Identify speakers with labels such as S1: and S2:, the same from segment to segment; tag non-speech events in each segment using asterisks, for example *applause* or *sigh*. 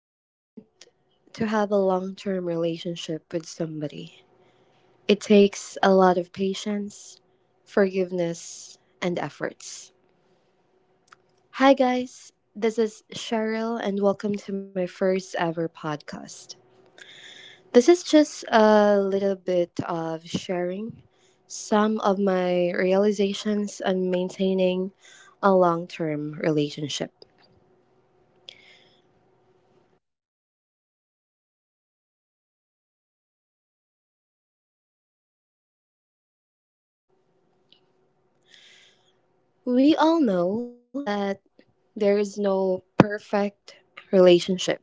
S1: If you want to have a long term relationship with somebody, it takes a lot of patience, forgiveness, and efforts. Hi, guys. This is Cheryl, and welcome to my first ever podcast. This is just a little bit of sharing some of my realizations on maintaining a long term relationship. We all know that there is no perfect relationship.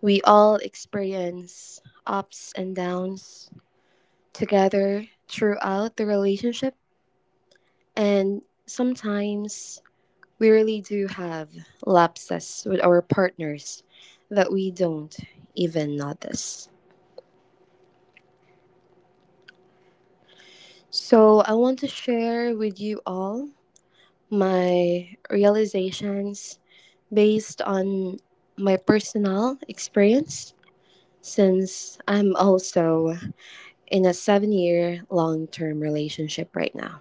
S1: We all experience ups and downs together throughout the relationship, and sometimes we really do have lapses with our partners that we don't even notice. So, I want to share with you all my realizations based on my personal experience, since I'm also in a 7 year long term relationship right now.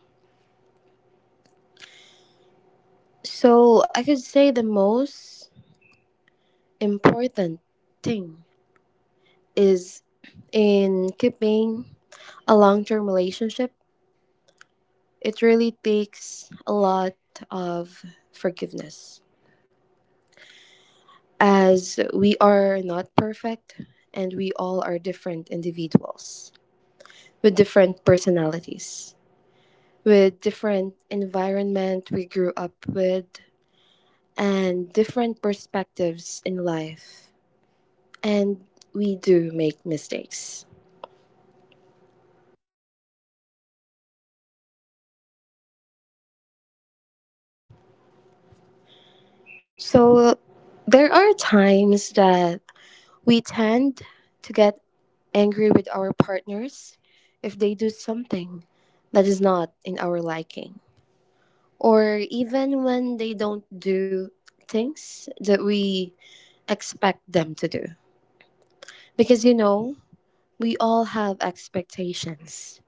S1: So I could say the most important thing is, in keeping a long term relationship, it really takes a lot of forgiveness, as we are not perfect and we all are different individuals with different personalities, with different environment we grew up with and different perspectives in life, and we do make mistakes. So there are times that we tend to get angry with our partners if they do something that is not in our liking, or even when they don't do things that we expect them to do. Because you know, we all have expectations,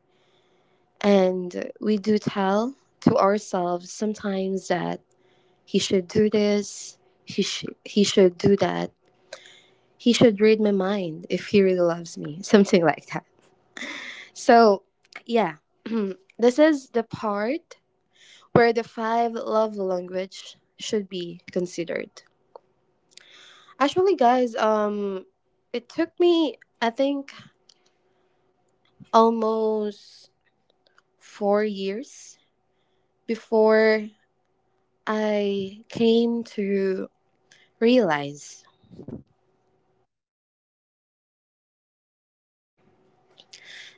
S1: and we do tell to ourselves sometimes that he should do this, he should do that, he should read my mind if he really loves me, *laughs* something like that. So, yeah, *clears throat* this is the part where the five love language should be considered. Actually, guys, it took me, I think, almost 4 years before I came to realize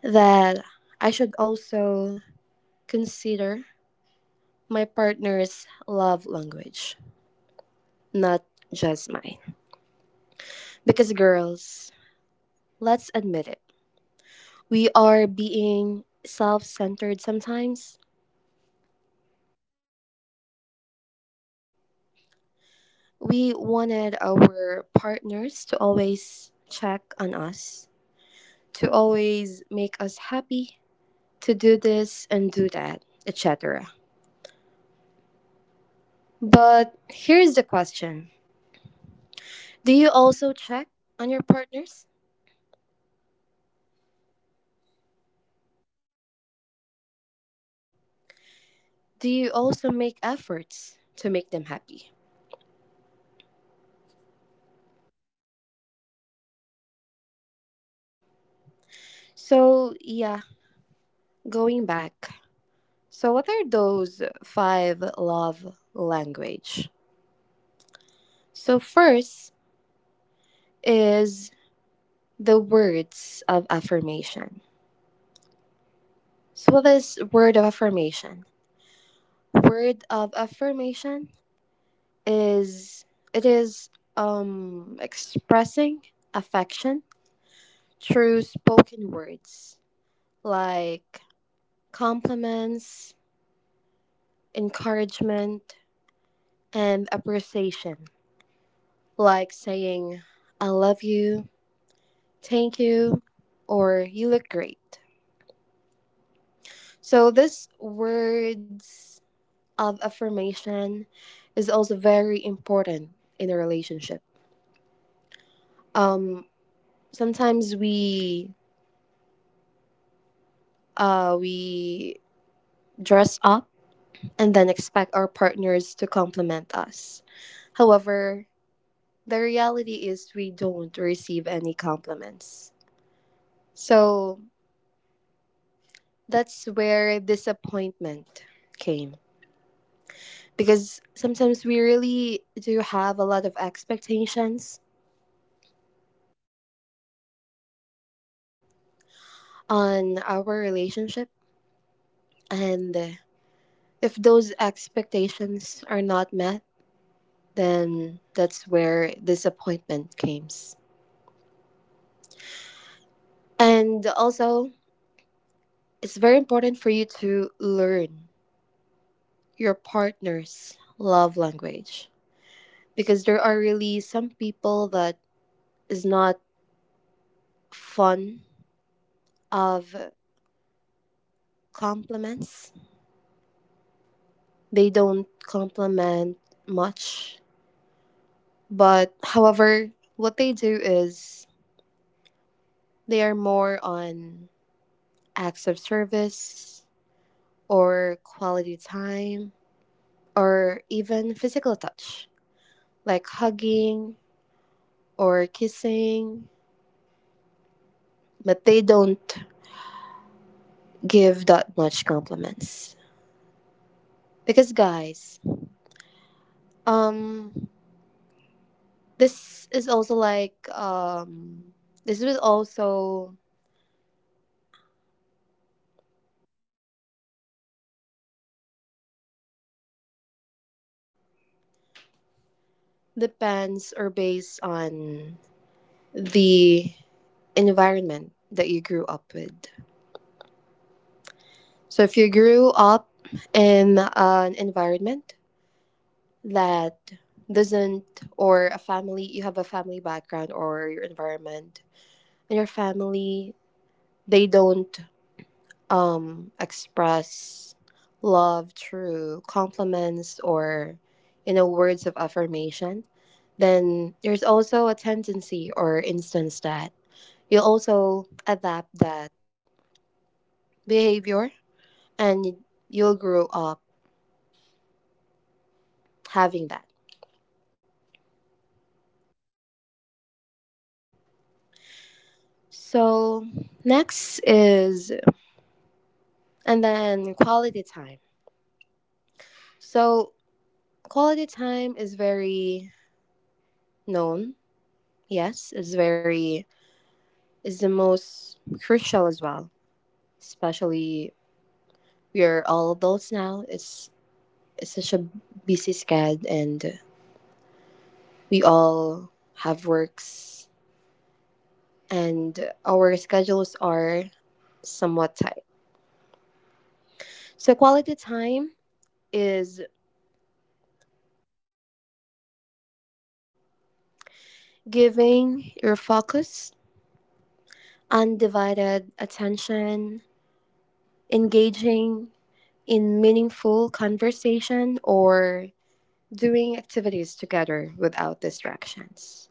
S1: that I should also consider my partner's love language, not just mine. Because, girls, let's admit it, we are being self centered sometimes. We wanted our partners to always check on us, to always make us happy, to do this and do that, etc. But here's the question: do you also check on your partners? Do you also make efforts to make them happy? So, yeah, going back, so what are those five love language? So first is the words of affirmation. So what is word of affirmation? Word of affirmation is, it is expressing affection through spoken words like compliments, encouragement, and appreciation, like saying I love you, thank you, or you look great. So, this words of affirmation is also very important in a relationship. Um, Sometimes we dress up and then expect our partners to compliment us. However, the reality is we don't receive any compliments. So that's where disappointment came, because sometimes we really do have a lot of expectations on our relationship, and if those expectations are not met, then that's where disappointment comes. And also, it's very important for you to learn your partner's love language, because there are really some people that is not fun of compliments. They don't compliment much. But however, what they do is they are more on acts of service or quality time or even physical touch, like hugging or kissing, but they don't give that much compliments. Because guys, um this is also like, this will also depends or based on the environment that you grew up with. So if you grew up in an environment that doesn't, or a family, you have a family background or your environment and your family, they don't express love through compliments or, you know, words of affirmation, then there's also a tendency or instance that you'll also adapt that behavior, and you'll grow up having that. So, next is, and then, quality time. So, quality time is very known. Yes, it's very, it's the most crucial as well, especially we are all adults now. It's such a busy schedule, and we all have works, and our schedules are somewhat tight. So, quality time is giving your focus, undivided attention, engaging in meaningful conversation, or doing activities together without distractions.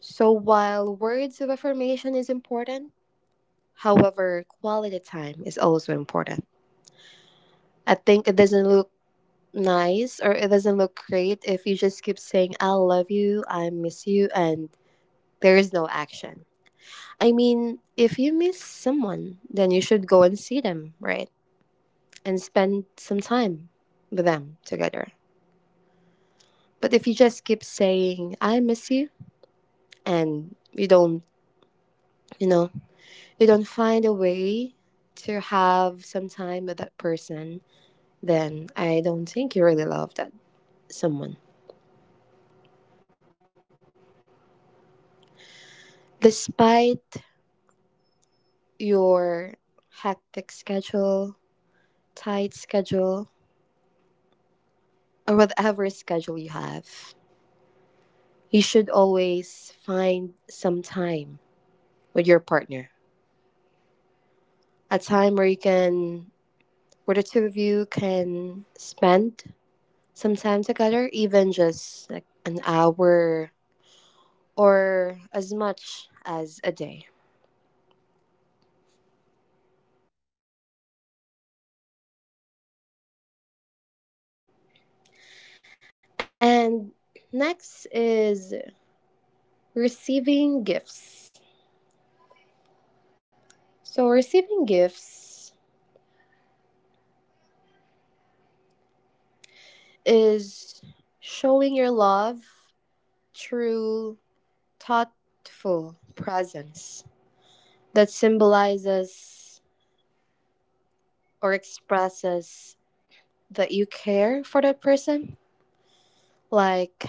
S1: So, while words of affirmation is important, however, quality time is also important. I think it doesn't look nice, or it doesn't look great, if you just keep saying, I love you, I miss you, and there is no action. I mean, if you miss someone, then you should go and see them, right? And spend some time with them together. But if you just keep saying, I miss you, and you know, you don't find a way to have some time with that person, then I don't think you really love that someone. Despite your hectic schedule, tight schedule, or whatever schedule you have, you should always find some time with your partner. A time where you can where the two of you can spend some time together, even just like an hour or as much as a day. And next is receiving gifts. So receiving gifts is showing your love through thoughtful presence that symbolizes or expresses that you care for that person. Like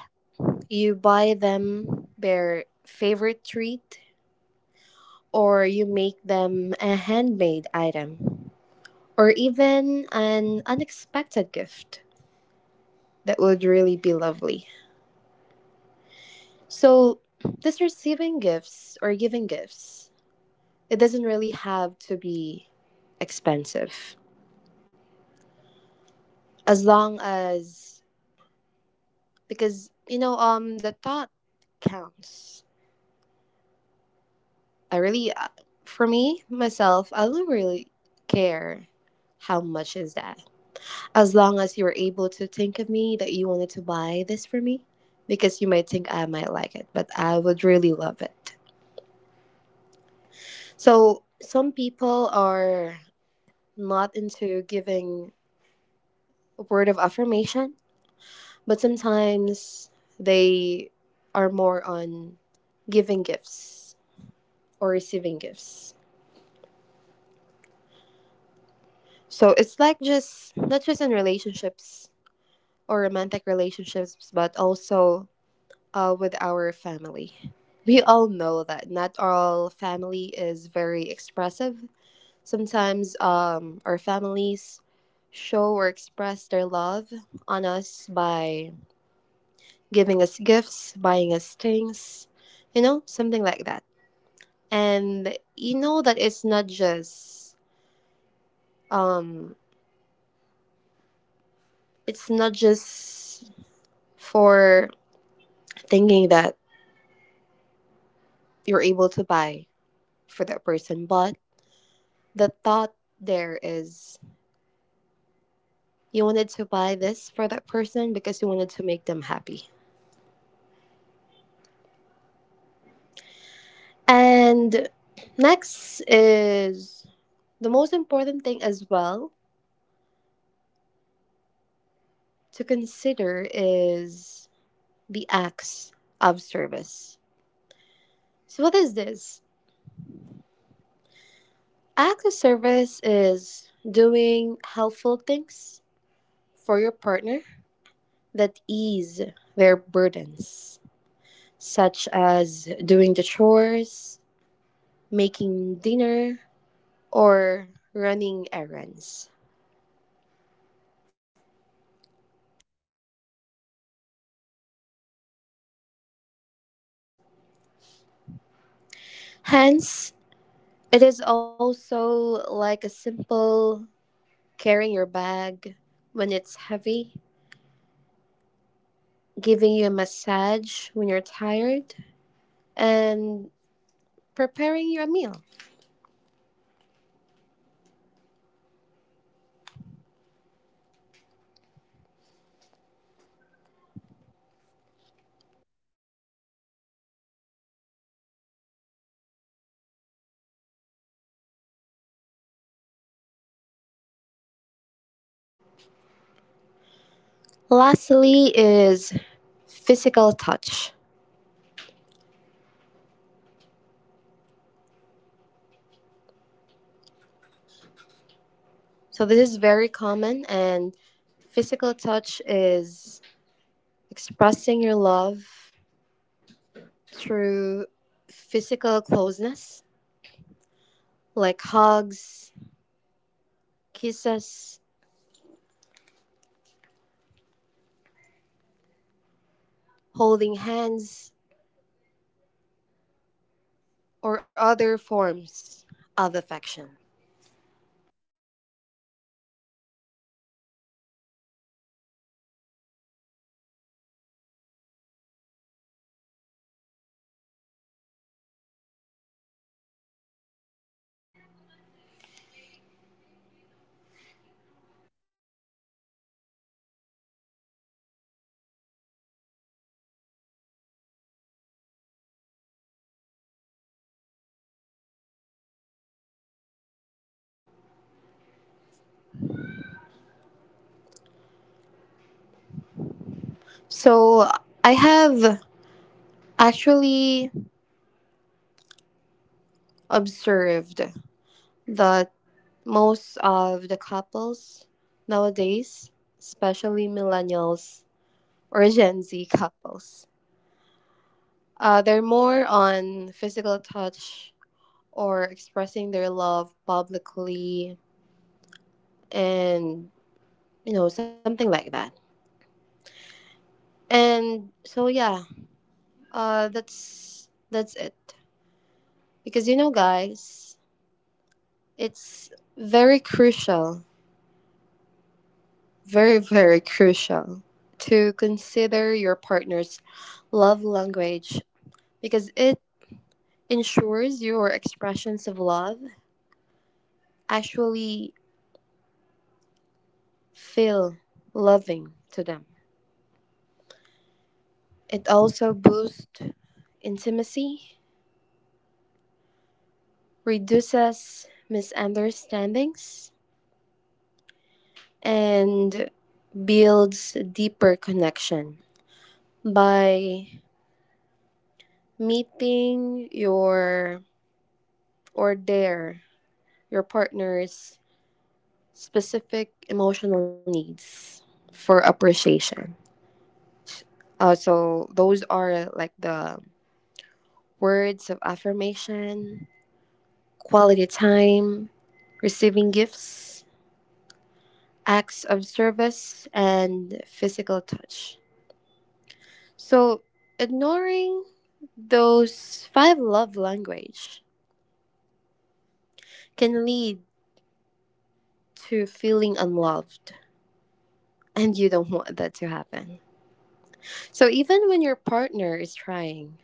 S1: you buy them their favorite treat, or you make them a handmade item, or even an unexpected gift that would really be lovely. So, this receiving gifts or giving gifts, it doesn't really have to be expensive, as long as, because you know, the thought counts. I really, uh, for me, myself, I don't really care how much is that. As long as you were able to think of me, that you wanted to buy this for me, because you might think I might like it, but I would really love it. So, some people are not into giving a word of affirmation, but sometimes they are more on giving gifts or receiving gifts. So, it's like, just not just in relationships or romantic relationships, but also, with our family. We all know that not all family is very expressive. Sometimes our families show or express their love on us by giving us gifts, buying us things, you know, something like that. And you know that um it's not just for thinking that you're able to buy for that person. But the thought there is, you wanted to buy this for that person because you wanted to make them happy. And next is, the most important thing as well to consider is the acts of service. So, what is this? Acts of service is doing helpful things for your partner that ease their burdens, such as doing the chores, making dinner, or running errands. Hence, it is also like a simple carrying your bag when it's heavy, giving you a massage when you're tired, and preparing your meal. Lastly, is physical touch. So, this is very common, and physical touch is expressing your love through physical closeness, like hugs, kisses, holding hands, or other forms of affection. So I have actually observed that most of the couples nowadays, especially millennials or Gen Z couples, they're more on physical touch or expressing their love publicly and, you know, something like that. And so, yeah, that's it. Because you know, guys, it's very crucial, very very crucial to consider your partner's love language, because it ensures your expressions of love actually feel loving to them. It also boosts intimacy, reduces misunderstandings, and builds deeper connection by meeting your, or their, your partner's specific emotional needs for appreciation. So those are like the words of affirmation, quality time, receiving gifts, acts of service, and physical touch. So ignoring those five love language can lead to feeling unloved, and you don't want that to happen. So even when your partner is trying,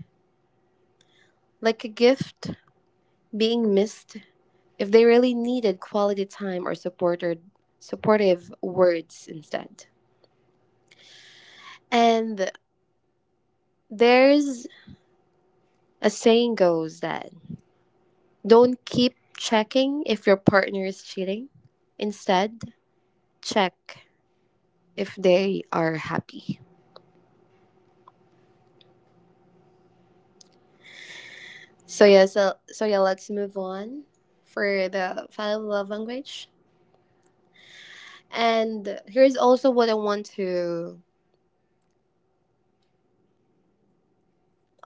S1: like a gift being missed, if they really needed quality time or supported supportive words instead. And there's a saying goes that, don't keep checking if your partner is cheating. Instead, check if they are happy. So yeah, let's move on for the five love language. And here's also what I want to,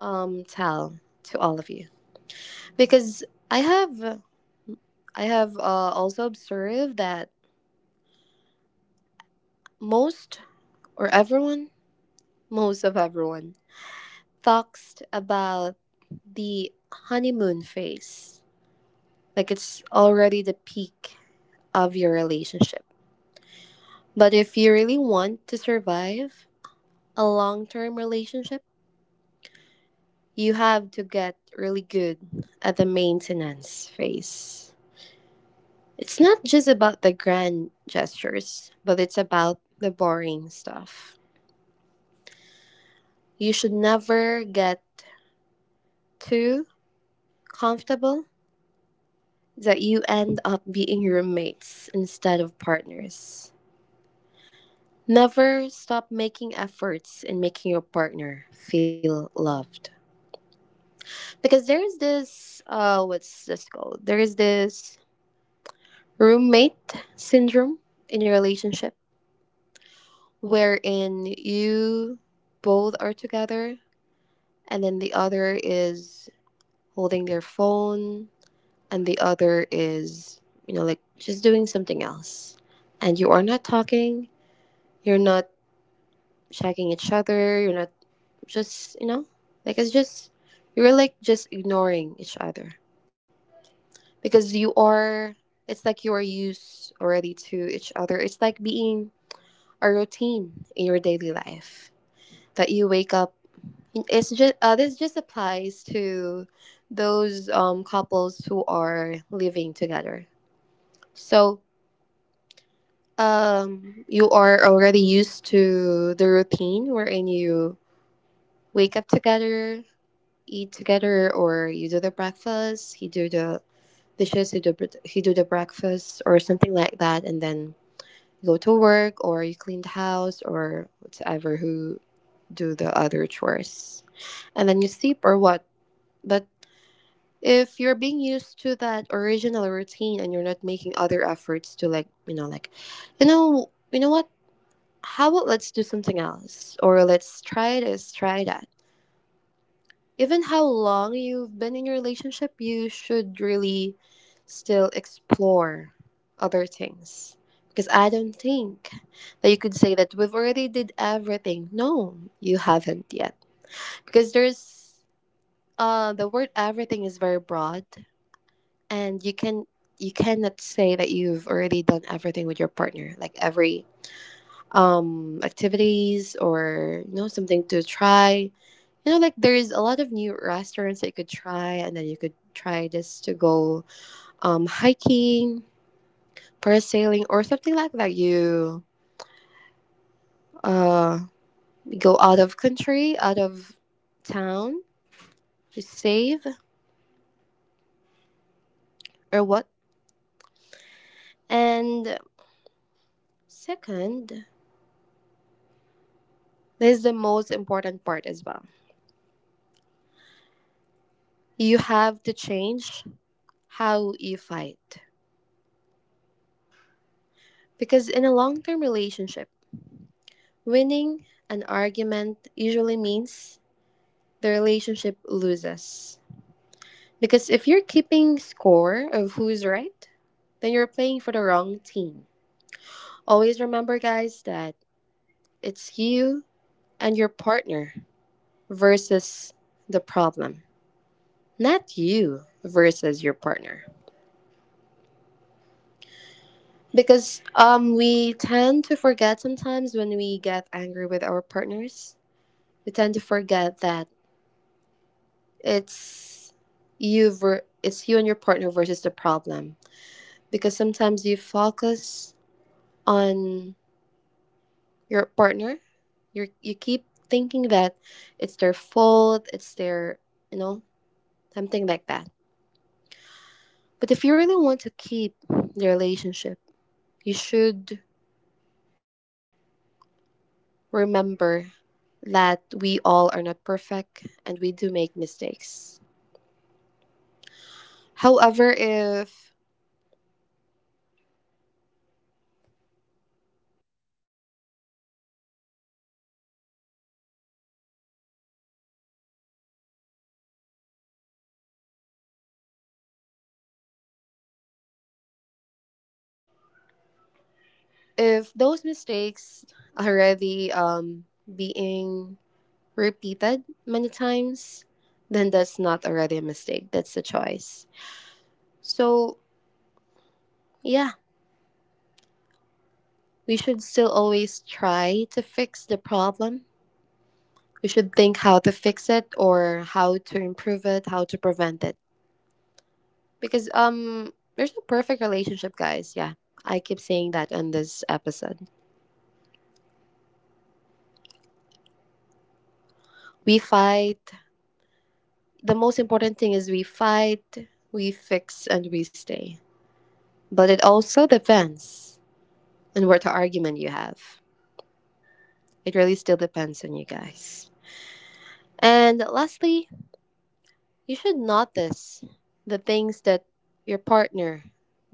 S1: tell to all of you, because I have I have also observed that most or everyone, most of everyone, talks about the honeymoon phase. Like it's already the peak of your relationship. But if you really want to survive a long term relationship, you have to get really good at the maintenance phase. It's not just about the grand gestures, but it's about the boring stuff. You should never get too comfortable that you end up being roommates instead of partners. Never stop making efforts in making your partner feel loved. Because there is this, what's this called? There is this roommate syndrome in your relationship, wherein you both are together and then the other is holding their phone and the other is, just doing something else, and you are not talking, you're not checking each other, you're not just, it's just, you're like just ignoring each other because you are it's like you are used already to each other. It's like being a routine in your daily life, that you wake up. It's just, this just applies to those couples who are living together. So you are already used to the routine, wherein you wake up together, eat together, or you do the breakfast, he do the dishes, he do the breakfast, or something like that, and then go to work, or you clean the house, or whatever, who do the other chores, and then you sleep or what. But if you're being used to that original routine and you're not making other efforts to, like, you know what, how about let's do something else, or let's try this, try that. Even how long you've been in your relationship, you should really still explore other things, because I don't think that you could say that we've already did everything. No, you haven't yet, because there's, the word everything is very broad, and you cannot say that you've already done everything with your partner, like every activities or, you know, something to try. You know, like there's a lot of new restaurants that you could try, and then you could try this, to go hiking, parasailing, or something like that. You, uh go out of country, out of town, to save, or what. And second, this is the most important part as well. You have to change how you fight. Because in a long term relationship, winning an argument usually means the relationship loses. Because if you're keeping score of who's right, then you're playing for the wrong team. Always remember, guys, that it's you and your partner versus the problem, not you versus your partner. Because we tend to forget sometimes when we get angry with our partners, we tend to forget that it's it's you and your partner versus the problem, because sometimes you focus on your partner, you keep thinking that it's their fault, it's their, you know, something like that. But if you really want to keep the relationship, you should remember that we all are not perfect and we do make mistakes. However, if those mistakes already being repeated many times, then that's not already a mistake. That's a choice. So yeah, we should still always try to fix the problem. We should think how to fix it, or how to improve it, how to prevent it. Because there's no perfect relationship, guys. Yeah. I keep saying that on this episode. We fight. The most important thing is we fight, we fix and we stay. But it also depends on what argument you have. It really still depends on you guys. And lastly, you should notice the things that your partner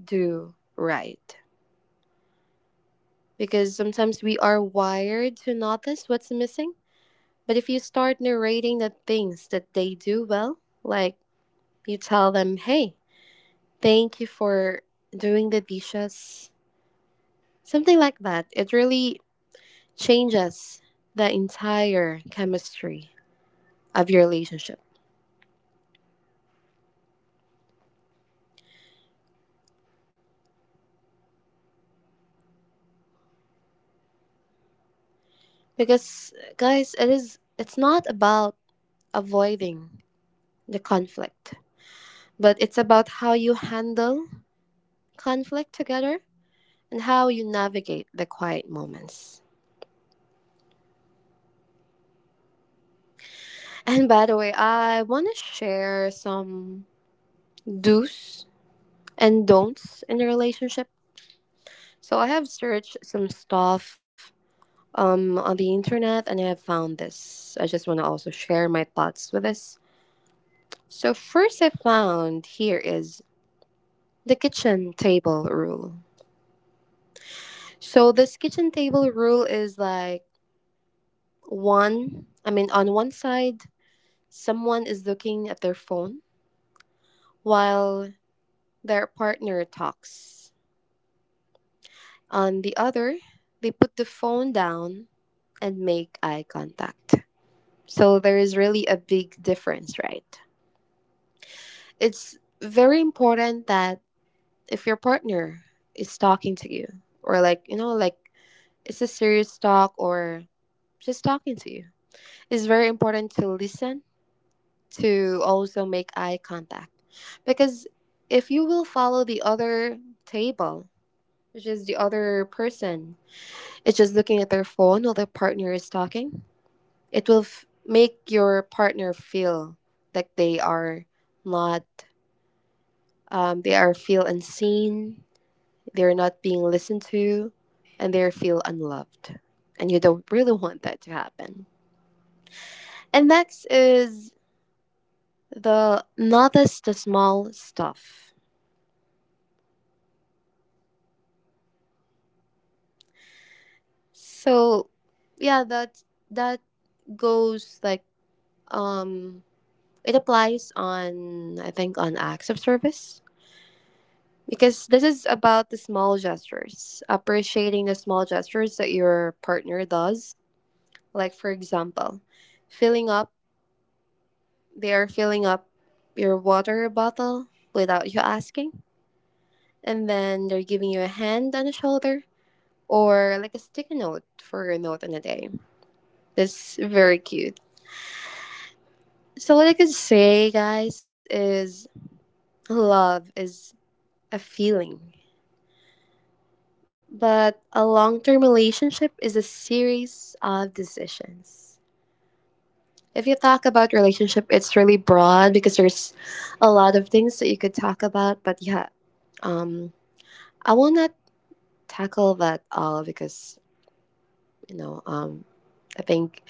S1: do right, because sometimes we are wired to notice what's missing. But if you start narrating the things that they do well, like you tell them, hey, thank you for doing the dishes, something like that, it really changes the entire chemistry of your relationship. Because, guys, it's not about avoiding the conflict, but it's about how you handle conflict together and how you navigate the quiet moments. And by the way, I want to share some do's and don'ts in a relationship. So I have searched some stuff on the internet, and I have found this. I just want to also share my thoughts with this. So first, I found here is the kitchen table rule. So this kitchen table rule is like I mean on one side someone is looking at their phone while their partner talks. On the other, they put the phone down and make eye contact. So there is really a big difference, right? It's very important that if your partner is talking to you, or, like, you know, like it's a serious talk or just talking to you, it's very important to listen, to also make eye contact. Because if you will follow the other table, which is the other person, it's just looking at their phone while their partner is talking, make your partner feel like they are not, they are feel unseen, they're not being listened to, and they feel unloved. And you don't really want that to happen. And next is the notice the small stuff. So, yeah, that goes like, um it applies on, I think, on acts of service. Because this is about the small gestures, appreciating the small gestures that your partner does. Like, for example, filling up, they are filling up your water bottle without you asking. And then they're giving you a hand on the shoulder, or like a sticky note for your note on the day. That's very cute. So, what I could say, guys, is love is a feeling. But a long term relationship is a series of decisions. If you talk about relationship, it's really broad because there's a lot of things that you could talk about. But yeah, um, I will not tackle that all because, you know, I think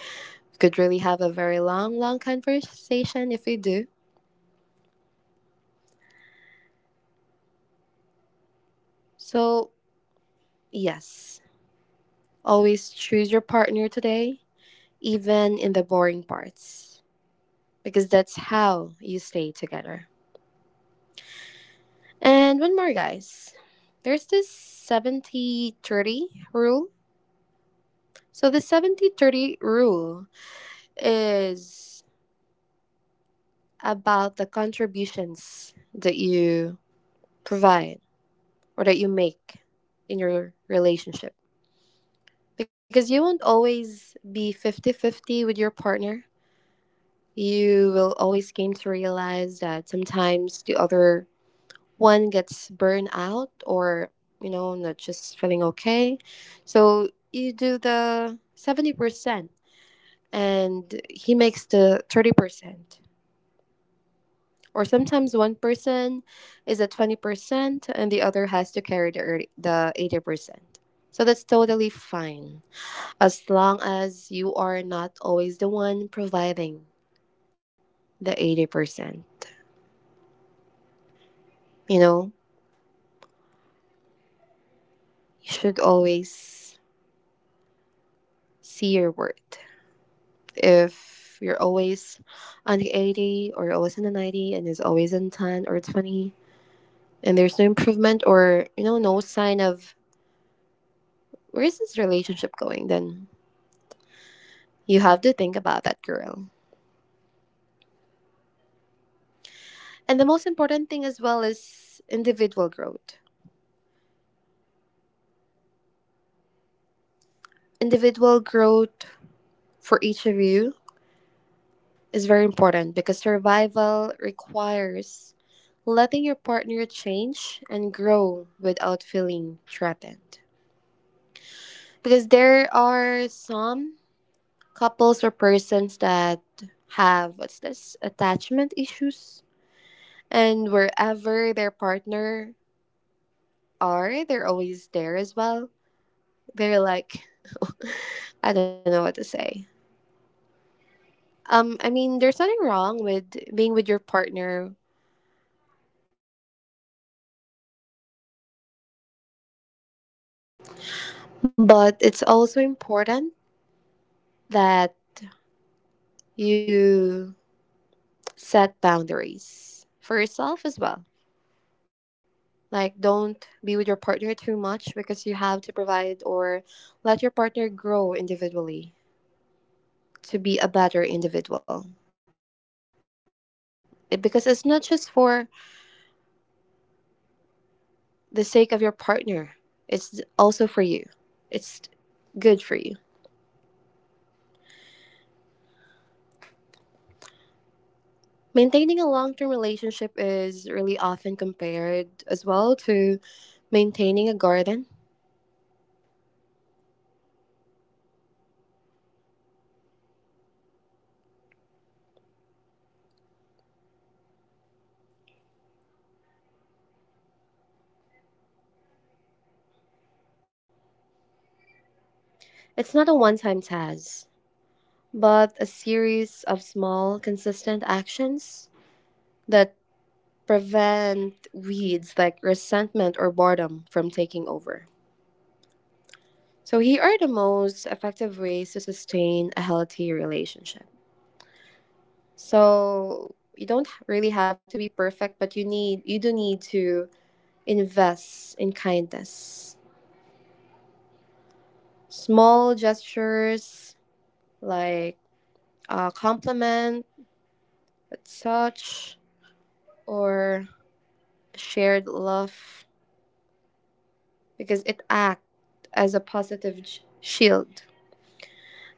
S1: we could really have a very long, long conversation if we do. So, yes, always choose your partner today, even in the boring parts, because that's how you stay together. And one more, guys. There's this 70-30 rule. So, the 70-30 rule is about the contributions that you provide, or that you make, in your relationship. Because you won't always be 50 50 with your partner. You will always came to realize that sometimes the other one gets burned out, or, you know, not just feeling okay. So you do the 70% and he makes the 30%, or sometimes one person is at 20% and the other has to carry the 80%. So that's totally fine, as long as you are not always the one providing the 80%. You know, you should always see your worth. If you're always on the 80, or you're always in the 90 and is always in 10 or 20, and there's no improvement, or, you know, no sign of where is this relationship going, then you have to think about that, girl. And the most important thing as well is individual growth. Individual growth for each of you is very important, because survival requires letting your partner change and grow without feeling threatened. Because there are some couples or persons that have, what's this, attachment issues, and wherever their partner are, they're always there as well. They're like *laughs* I don't know what to say. I mean, there's nothing wrong with being with your partner.
S2: But it's also important that you set boundaries for yourself as well. Like, don't be with your partner too much because you have to provide or let your partner grow individually to be a better individual. Because it's not just for the sake of your partner, it's also for you. It's good for you. Maintaining a long term relationship is really often compared as well to maintaining a garden. It's not a one time task, but a series of small, consistent actions that prevent weeds like resentment or boredom from taking over. So, here are the most effective ways to sustain a healthy relationship. So, you don't really have to be perfect, but you do need to invest in kindness. Small gestures like a compliment, a touch, or shared love, because it acts as a positive shield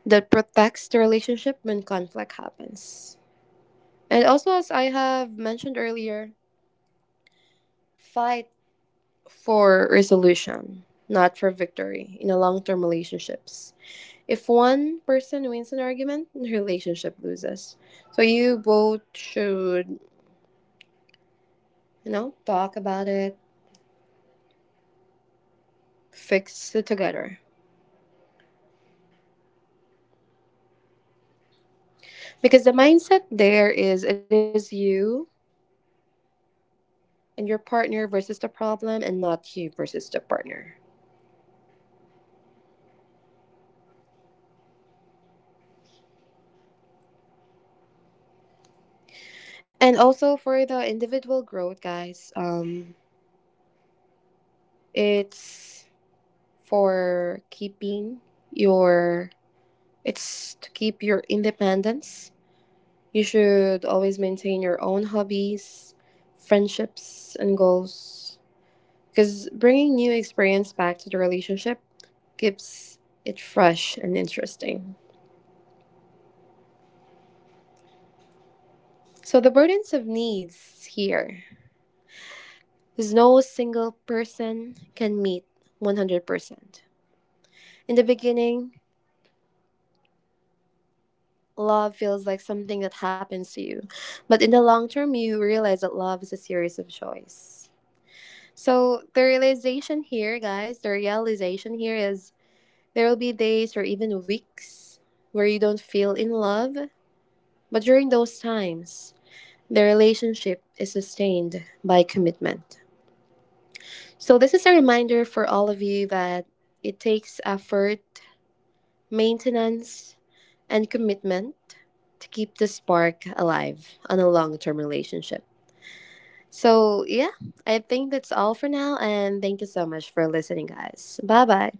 S2: that protects the relationship when conflict happens. And also, as I have mentioned earlier, fight for resolution, not for victory in a long term relationships. If one person wins an argument, the relationship loses. So you both should, you know, talk about it, fix it together. Because the mindset there is it is you and your partner versus the problem and not you versus the partner. And also for the individual growth, guys, it's for keeping your it's to keep your independence. You should always maintain your own hobbies, friendships, and goals because bringing new experience back to the relationship keeps it fresh and interesting. So the burdens of needs here. 'Cause no single person can meet 100%. In the beginning, love feels like something that happens to you, but in the long term, you realize that love is a series of choice. So, the realization here, guys, the realization here is there will be days or even weeks where you don't feel in love, but during those times, the relationship is sustained by commitment. So, this is a reminder for all of you that it takes effort, maintenance, and commitment to keep the spark alive on a long term relationship. So, yeah, I think that's all for now. And thank you so much for listening, guys. Bye bye.